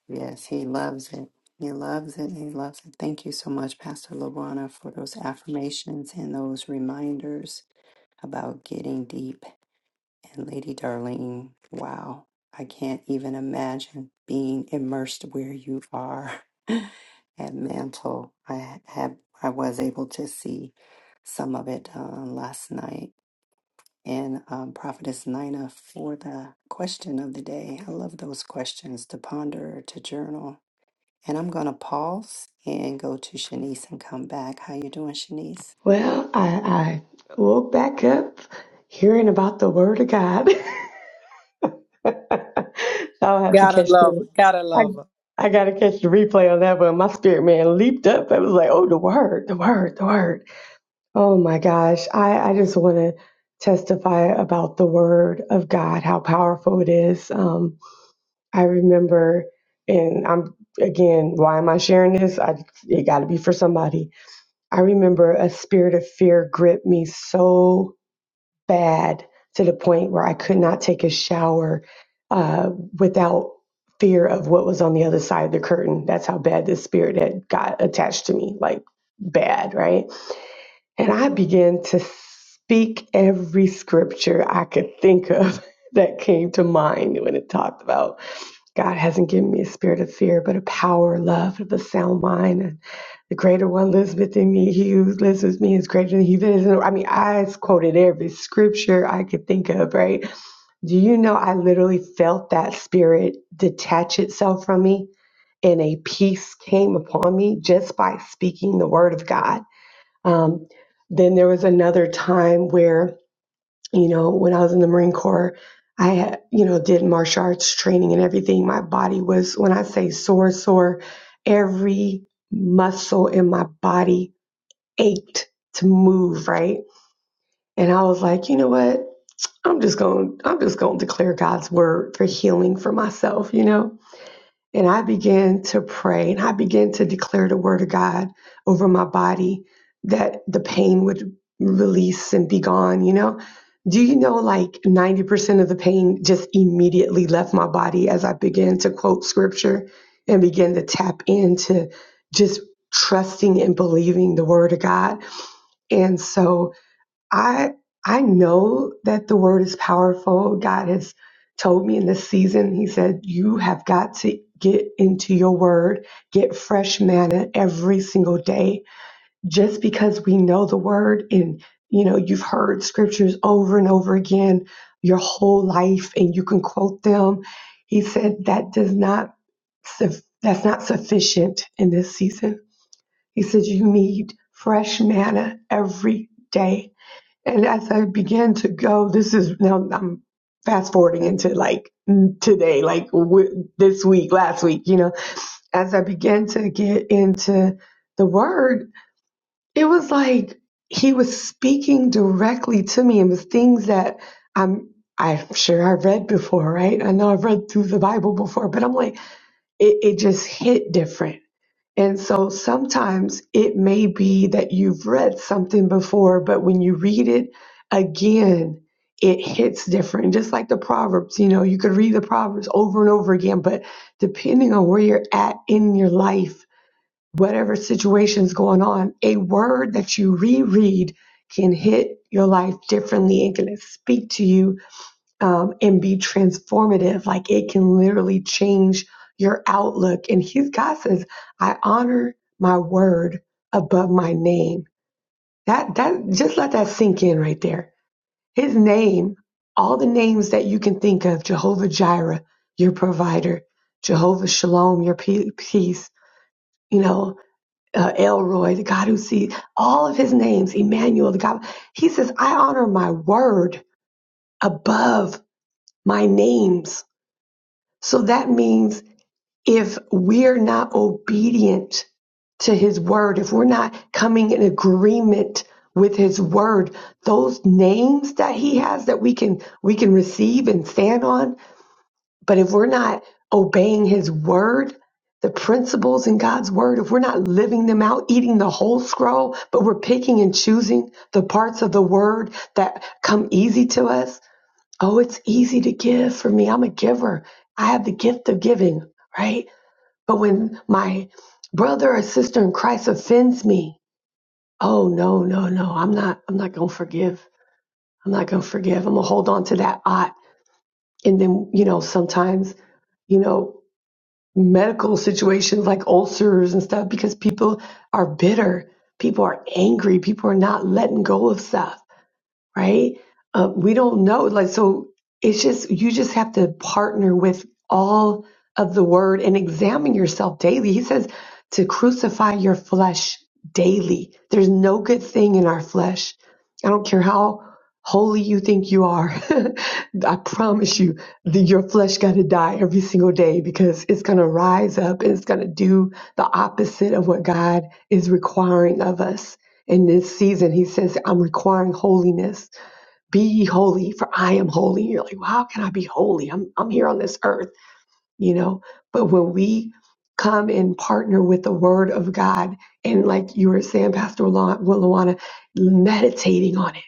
[SPEAKER 1] Yes, he loves it. He loves it. He loves it. Thank you so much, Pastor Lawana, for those affirmations and those reminders about getting deep. And Lady Darlene, wow, I can't even imagine being immersed where you are at Mantle. I had I was able to see some of it uh, last night. And um, Prophetess Nina for the question of the day. I love those questions to ponder, to journal and I'm going to pause and go to Shanice and come back. How you doing, Shanice?
[SPEAKER 5] Well, I, I woke back up hearing about the word of God. I'll have to
[SPEAKER 4] Gotta
[SPEAKER 5] catch
[SPEAKER 4] love her.
[SPEAKER 5] the
[SPEAKER 4] Gotta
[SPEAKER 5] I
[SPEAKER 4] love her.
[SPEAKER 5] I gotta catch the replay on that one. My spirit man leaped up. I was like, oh the word, the word, the word. Oh my gosh. I, I just wanna testify about the word of God, how powerful it is. Um I remember and I'm again, why am I sharing this? I it gotta be for somebody. I remember a spirit of fear gripped me so bad to the point where I could not take a shower uh, without fear of what was on the other side of the curtain. That's how bad this spirit had got attached to me, like bad, right? And I began to speak every scripture I could think of that came to mind when it talked about God hasn't given me a spirit of fear, but a power, love, of a sound mind. I the greater one lives within me. He who lives with me is greater than he that is. in- the world. I mean, I quoted every scripture I could think of, right? Do you know I literally felt that spirit detach itself from me and a peace came upon me just by speaking the word of God? Um, then there was another time where, you know, when I was in the Marine Corps, I had, you know, did martial arts training and everything. My body was, when I say sore, sore, every muscle in my body ached to move, right? And I was like, you know what? I'm just going I'm just going to declare God's word for healing for myself, you know? And I began to pray and I began to declare the word of God over my body that the pain would release and be gone, you know? Do you know like 90% of the pain just immediately left my body as I began to quote scripture and began to tap into just trusting and believing the word of God. And so I I know that the word is powerful. God has told me in this season, he said, you have got to get into your word, get fresh manna every single day. Just because we know the word and you know, you've heard scriptures over and over again your whole life and you can quote them. He said that does not suf- that's not sufficient in this season. He said you need fresh manna every day and as I began to go, this is now I'm fast forwarding into like today, like w- this week, last week, you know, as I began to get into the word, it was like he was speaking directly to me and was things that I'm I'm sure I've read before, right? I know I've read through the Bible before, but I'm like, it, it just hit different and so sometimes it may be that you've read something before, but when you read it again, it hits different. Just like the Proverbs, you know, you could read the Proverbs over and over again, but depending on where you're at in your life, whatever situation's going on, a word that you reread can hit your life differently and can speak to you um, and be transformative. Like it can literally change your outlook. And he's God says, I honor my word above my name. That that just let that sink in right there. His name, all the names that you can think of, Jehovah Jireh, your provider, Jehovah Shalom, your pe- peace, you know, uh, Elroy, the God who sees, all of his names, Emmanuel, the God. He says, I honor my word above my names So that means if we're not obedient to his word, if we're not coming in agreement with his word, those names that he has that we can we can receive and stand on, but if we're not obeying his word, the principles in God's word, if we're not living them out, eating the whole scroll, but we're picking and choosing the parts of the word that come easy to us, Oh, it's easy to give for me. I'm a giver. I have the gift of giving, right? But when my brother or sister in Christ offends me, oh no, no, no. I'm not I'm not gonna forgive. I'm not gonna forgive. I'm gonna hold on to that ought. And then, you know, sometimes, you know, medical situations like ulcers and stuff, because people are bitter, people are angry, people are not letting go of stuff. right? Uh, we don't know. Like, so it's just, you just have to partner with all of the word and examine yourself daily. He says to crucify your flesh daily. There's no good thing in our flesh. I don't care how holy you think you are. I promise you that your flesh got to die every single day because it's going to rise up and it's going to do the opposite of what God is requiring of us in this season, he says, I'm requiring holiness. Be ye holy, for I am holy. You're like, well, how can I be holy? I'm, I'm here on this earth, you know? But when we come and partner with the word of God, and like you were saying, Pastor Luana, Luana, meditating on it.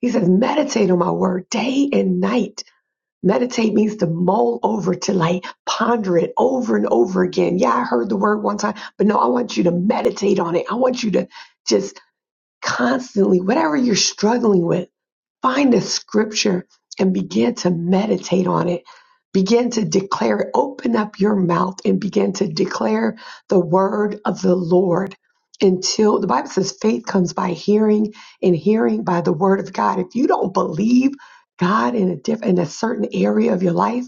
[SPEAKER 5] He says, meditate on my word day and night. Meditate means to mull over, to like ponder it over and over again. Yeah, I heard the word one time, but no, I want you to meditate on it. I want you to just constantly, whatever you're struggling with, find a scripture and begin to meditate on it. Begin to declare it. Open up your mouth and begin to declare the word of the Lord until the Bible says faith comes by hearing and hearing by the word of God. If you don't believe God in a diff in a certain area of your life,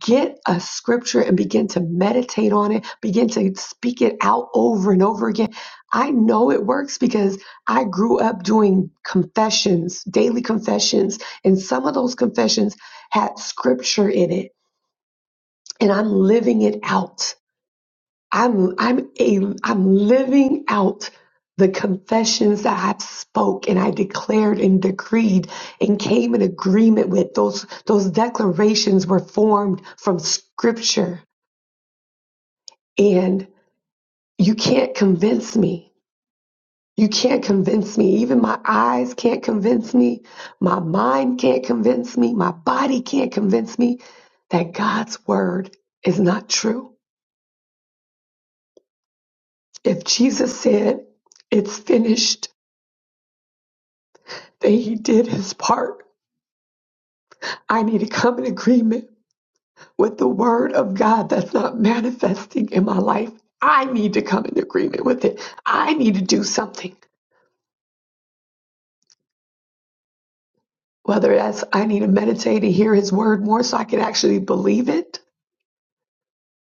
[SPEAKER 5] get a scripture and begin to meditate on it, begin to speak it out over and over again. I know it works because I grew up doing confessions, daily confessions, and some of those confessions had scripture in it, and I'm living it out. I'm I'm a I'm living out the confessions that I've spoke and I declared and decreed and came in agreement with those those declarations were formed from scripture And you can't convince me. You can't convince me. Even my eyes can't convince me. My mind can't convince me. My body can't convince me that God's word is not true. If Jesus said it's finished, then he did his part. I need to come in agreement with the word of God that's not manifesting in my life. I need to come in agreement with it. I need to do something. whether that's I need to meditate and hear his word more so I can actually believe it.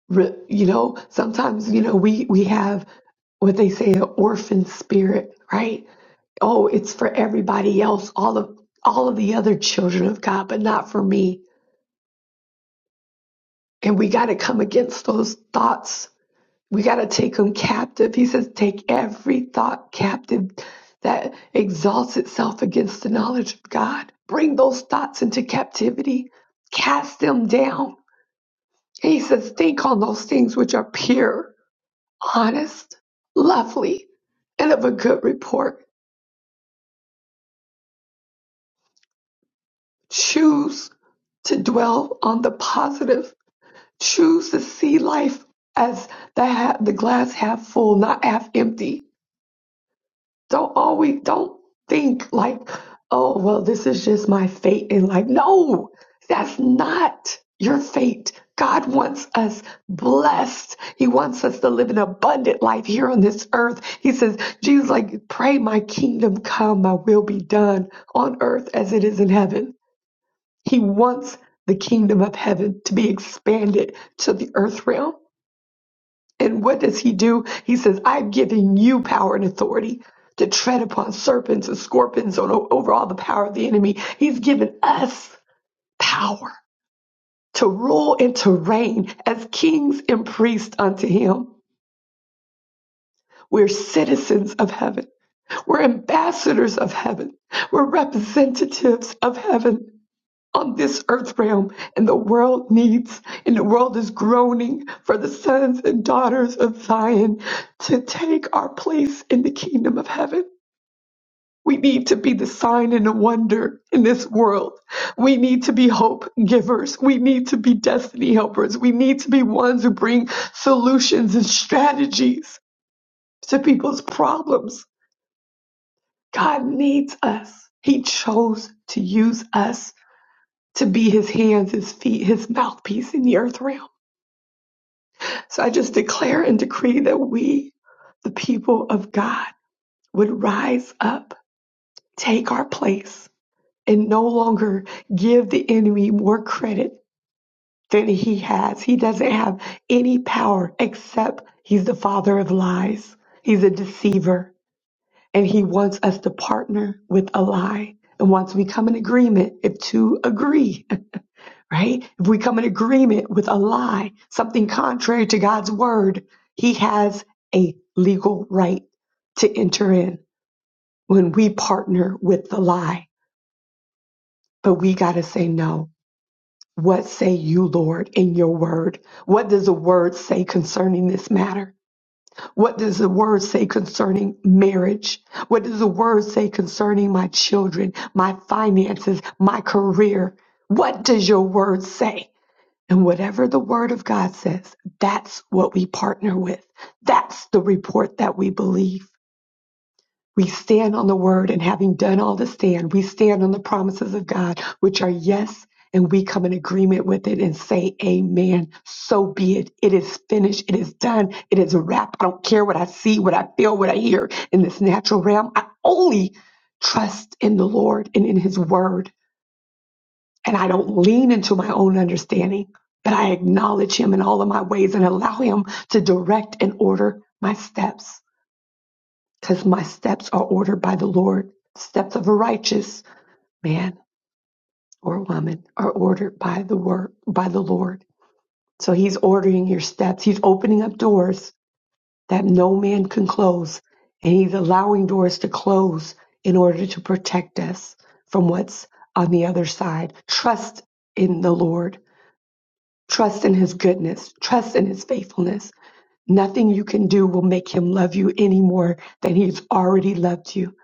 [SPEAKER 5] Re- You know, sometimes, you know, we, we have what they say, an orphan spirit, right? Oh, it's for everybody else, all of, all of the other children of God, but not for me. And we got to come against those thoughts. We got to take them captive. He says, take every thought captive that exalts itself against the knowledge of God. Bring those thoughts into captivity. Cast them down He says, think on those things which are pure, honest, lovely, and of a good report. Choose to dwell on the positive. Choose to see life as the, ha- the glass half full, not half empty. Don't always don't think like, oh well, this is just my fate in life. no, that's not your fate. God wants us blessed. He wants us to live an abundant life here on this earth. He says, Jesus, like, pray my kingdom come, my will be done on earth as it is in heaven. He wants the kingdom of heaven to be expanded to the earth realm. And what does he do? He says, I've given you power and authority to tread upon serpents and scorpions on, over all the power of the enemy. He's given us power to rule and to reign as kings and priests unto him. We're citizens of heaven. We're ambassadors of heaven. We're representatives of heaven. on this earth realm and the world needs and the world is groaning for the sons and daughters of Zion to take our place in the kingdom of heaven. We need to be the sign and the wonder in this world. We need to be hope givers. We need to be destiny helpers. We need to be ones who bring solutions and strategies to people's problems. God needs us. He chose to use us to be his hands, his feet, his mouthpiece in the earth realm. So I just declare and decree that we, the people of God, would rise up, take our place, and no longer give the enemy more credit than he has. He doesn't have any power except he's the father of lies. He's a deceiver, and he wants us to partner with a lie. And once we come in agreement, if two agree, right? If we come in agreement with a lie, something contrary to God's word, he has a legal right to enter in when we partner with the lie. But we got to say no. What say you, Lord, in your word? What does the word say concerning this matter? What does the word say concerning marriage? What does the word say concerning my children, my finances, my career? What does your word say? And whatever the word of God says, that's what we partner with. That's the report that we believe. We stand on the word and having done all to stand, we stand on the promises of God, which are yes, and we come in agreement with it and say, Amen. So be it. It is finished. It is done. It is a wrap. I don't care what I see, what I feel, what I hear in this natural realm. I only trust in the Lord and in his word and I don't lean into my own understanding, but I acknowledge Him in all of my ways and allow Him to direct and order my steps because my steps are ordered by the Lord. Steps of a righteous man or woman are ordered by the word, by the Lord. So He's ordering your steps. He's opening up doors that no man can close, and He's allowing doors to close in order to protect us from what's on the other side. Trust in the Lord Trust in his goodness, trust in his faithfulness. Nothing you can do will make him love you any more than he's already loved you.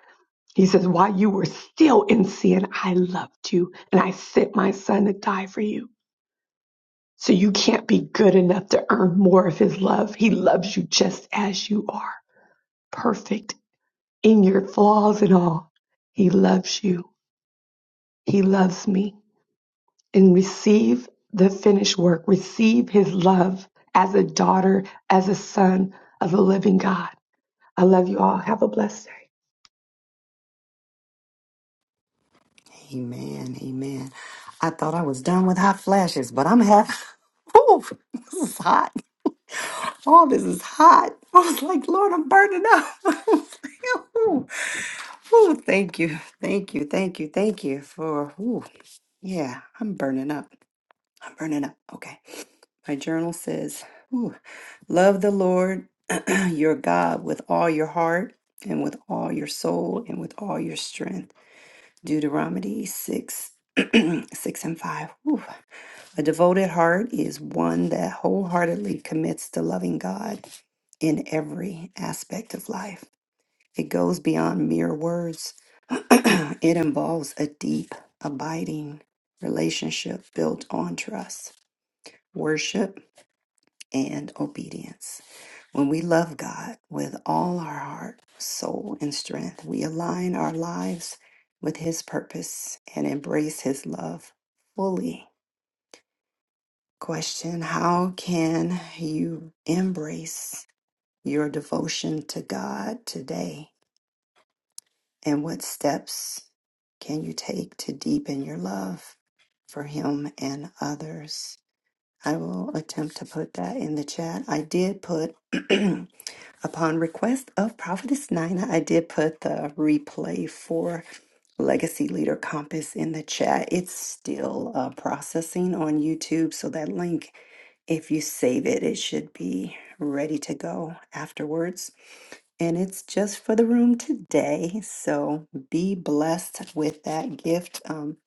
[SPEAKER 5] He says, While you were still in sin, I loved you and I sent my son to die for you. So you can't be good enough to earn more of his love. He loves you just as you are, perfect in your flaws and all. He loves you. He loves me. and receive the finished work, receive his love as a daughter, as a son of the living God. I love you all. Have a blessed day.
[SPEAKER 1] Amen, amen. I thought I was done with hot flashes, but I'm having, ooh, this is hot. All this is hot. I was like, Lord, I'm burning up. ooh, ooh, thank you, thank you, thank you, thank you for, ooh, yeah, I'm burning up. I'm burning up. Okay. My journal says, ooh, Love the Lord your God with all your heart and with all your soul and with all your strength. Deuteronomy 6. 6 and 5. Ooh. A devoted heart is one that wholeheartedly commits to loving God in every aspect of life. It goes beyond mere words, it involves a deep, abiding relationship built on trust, worship, and obedience. When we love God with all our heart, soul, and strength, we align our lives with His purpose and embrace His love fully. Question How can you embrace your devotion to God today? And what steps can you take to deepen your love for Him and others? I will attempt to put that in the chat. I did put, upon request of Prophetess Nina, I did put the replay for Legacy Leader Compass in the chat. It's still uh, processing on YouTube, so that link, if you save it, it should be ready to go afterwards. And it's just for the room today, so be blessed with that gift. Um,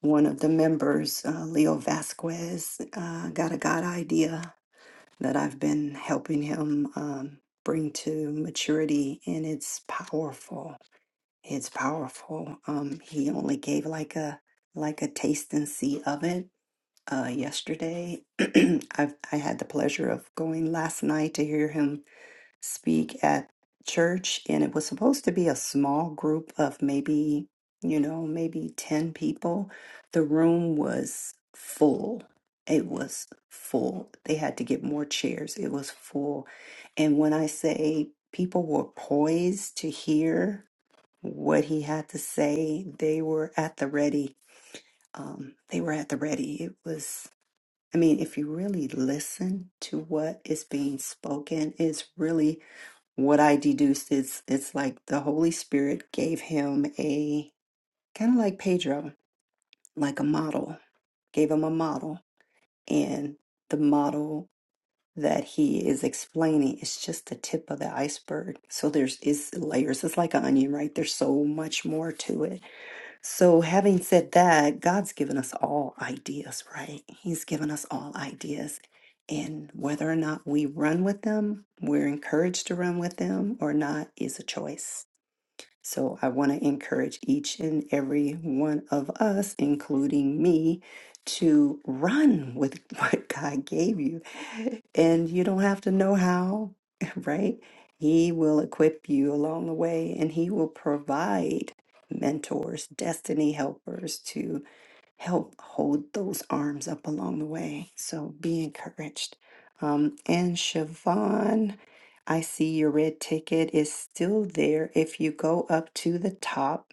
[SPEAKER 1] one of the members, uh, Leo Vasquez, uh, got a God idea that I've been helping him um, bring to maturity, and it's powerful. It's powerful. Um, he only gave like a like a taste and see of it uh, yesterday. I've, I had the pleasure of going last night to hear him speak at church, and it was supposed to be a small group of maybe, you know, maybe 10 people. The room was full. It was full. They had to get more chairs. It was full. And when I say people were poised to hear what he had to say, they were at the ready. Um, they were at the ready. It was, I mean, if you really listen to what is being spoken, it's really what I deduced is it's like the Holy Spirit gave him a kind of like Pedro, like a model, gave him a model. And the model that he is explaining is just the tip of the iceberg. So there's is layers. It's like an onion, right? There's so much more to it. So having said that, God's given us all ideas, right? He's given us all ideas. And whether or not we run with them, we're encouraged to run with them or not is a choice. So I want to encourage each and every one of us, including me, to run with what God gave you. And you don't have to know how, right? He will equip you along the way and he will provide mentors, destiny helpers to help hold those arms up along the way. So be encouraged. Um, and Siobhan, I see your red ticket is still there. If you go up to the top,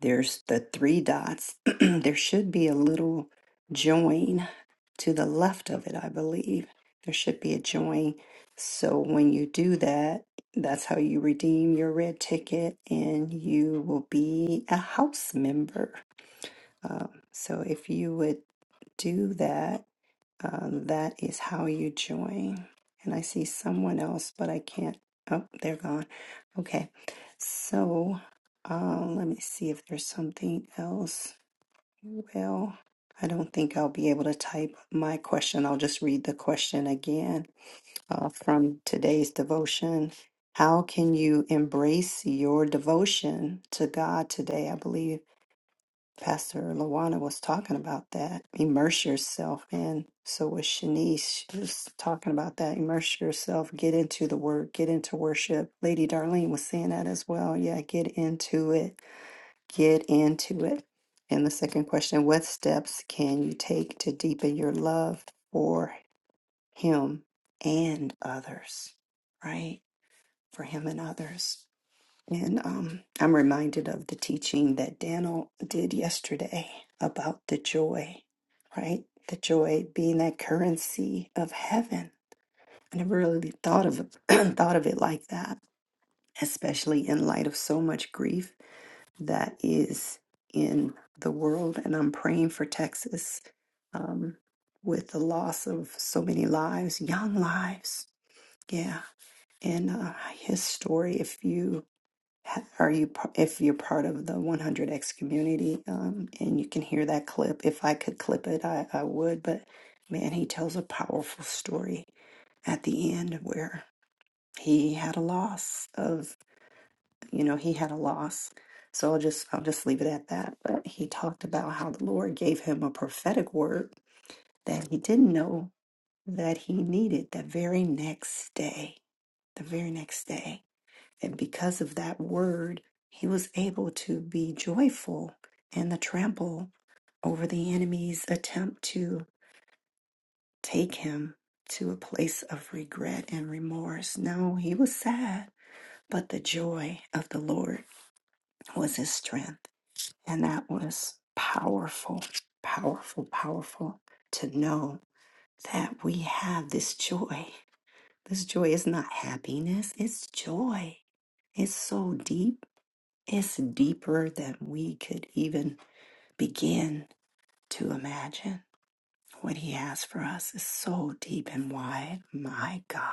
[SPEAKER 1] there's the three dots. there should be a little join to the left of it, I believe. There should be a join. So when you do that, that's how you redeem your red ticket and you will be a house member. Um, so if you would do that, um, that is how you join. And I see someone else, but I can't. Oh, they're gone. Okay. So uh, let me see if there's something else. Well, I don't think I'll be able to type my question. I'll just read the question again uh, from today's devotion. How can you embrace your devotion to God today? I believe Pastor Lawana was talking about that. Immerse yourself in. So was Shanice. She was talking about that. Immerse yourself. Get into the word. Get into worship. Lady Darlene was saying that as well. Yeah, get into it. Get into it. And the second question What steps can you take to deepen your love for Him and others? Right? For Him and others. And um, I'm reminded of the teaching that Daniel did yesterday about the joy, right? The joy being that currency of heaven. I never really thought of it, thought of it like that, especially in light of so much grief that is in the world. And I'm praying for Texas um, with the loss of so many lives, young lives. Yeah. And uh, his story, if you are you p- if you're part of the 100x community um, and you can hear that clip if i could clip it I, I would but man he tells a powerful story at the end where he had a loss of you know he had a loss so i'll just i'll just leave it at that but he talked about how the lord gave him a prophetic word that he didn't know that he needed the very next day the very next day and because of that word, he was able to be joyful in the trample over the enemy's attempt to take him to a place of regret and remorse. No, he was sad, but the joy of the Lord was his strength. And that was powerful, powerful, powerful to know that we have this joy. This joy is not happiness, it's joy. It's so deep It's deeper than we could even begin to imagine. What He has for us is so deep and wide. My God,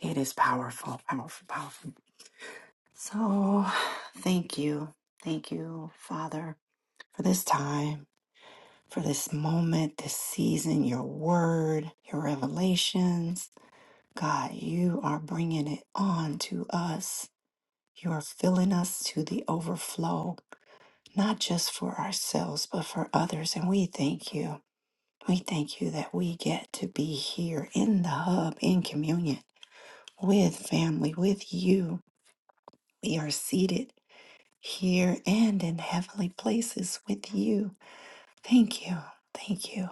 [SPEAKER 1] it is powerful, powerful, powerful. So, thank you. Thank you, Father, for this time, for this moment, this season, your word, your revelations. God, you are bringing it on to us. You are filling us to the overflow. not just for ourselves, but for others. And we thank you. We thank you that we get to be here in the hub, in communion with family, with you. We are seated here and in heavenly places with you. Thank you. Thank you.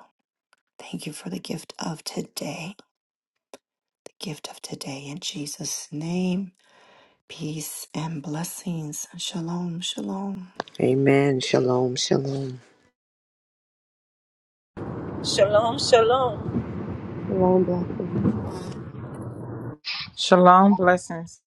[SPEAKER 1] Thank you for the gift of today, the gift of today. In Jesus' name, peace and blessings. Shalom, shalom.
[SPEAKER 2] Amen. Shalom. Shalom.
[SPEAKER 3] Shalom, shalom.
[SPEAKER 5] Long blessings.
[SPEAKER 4] Shalom, blessings.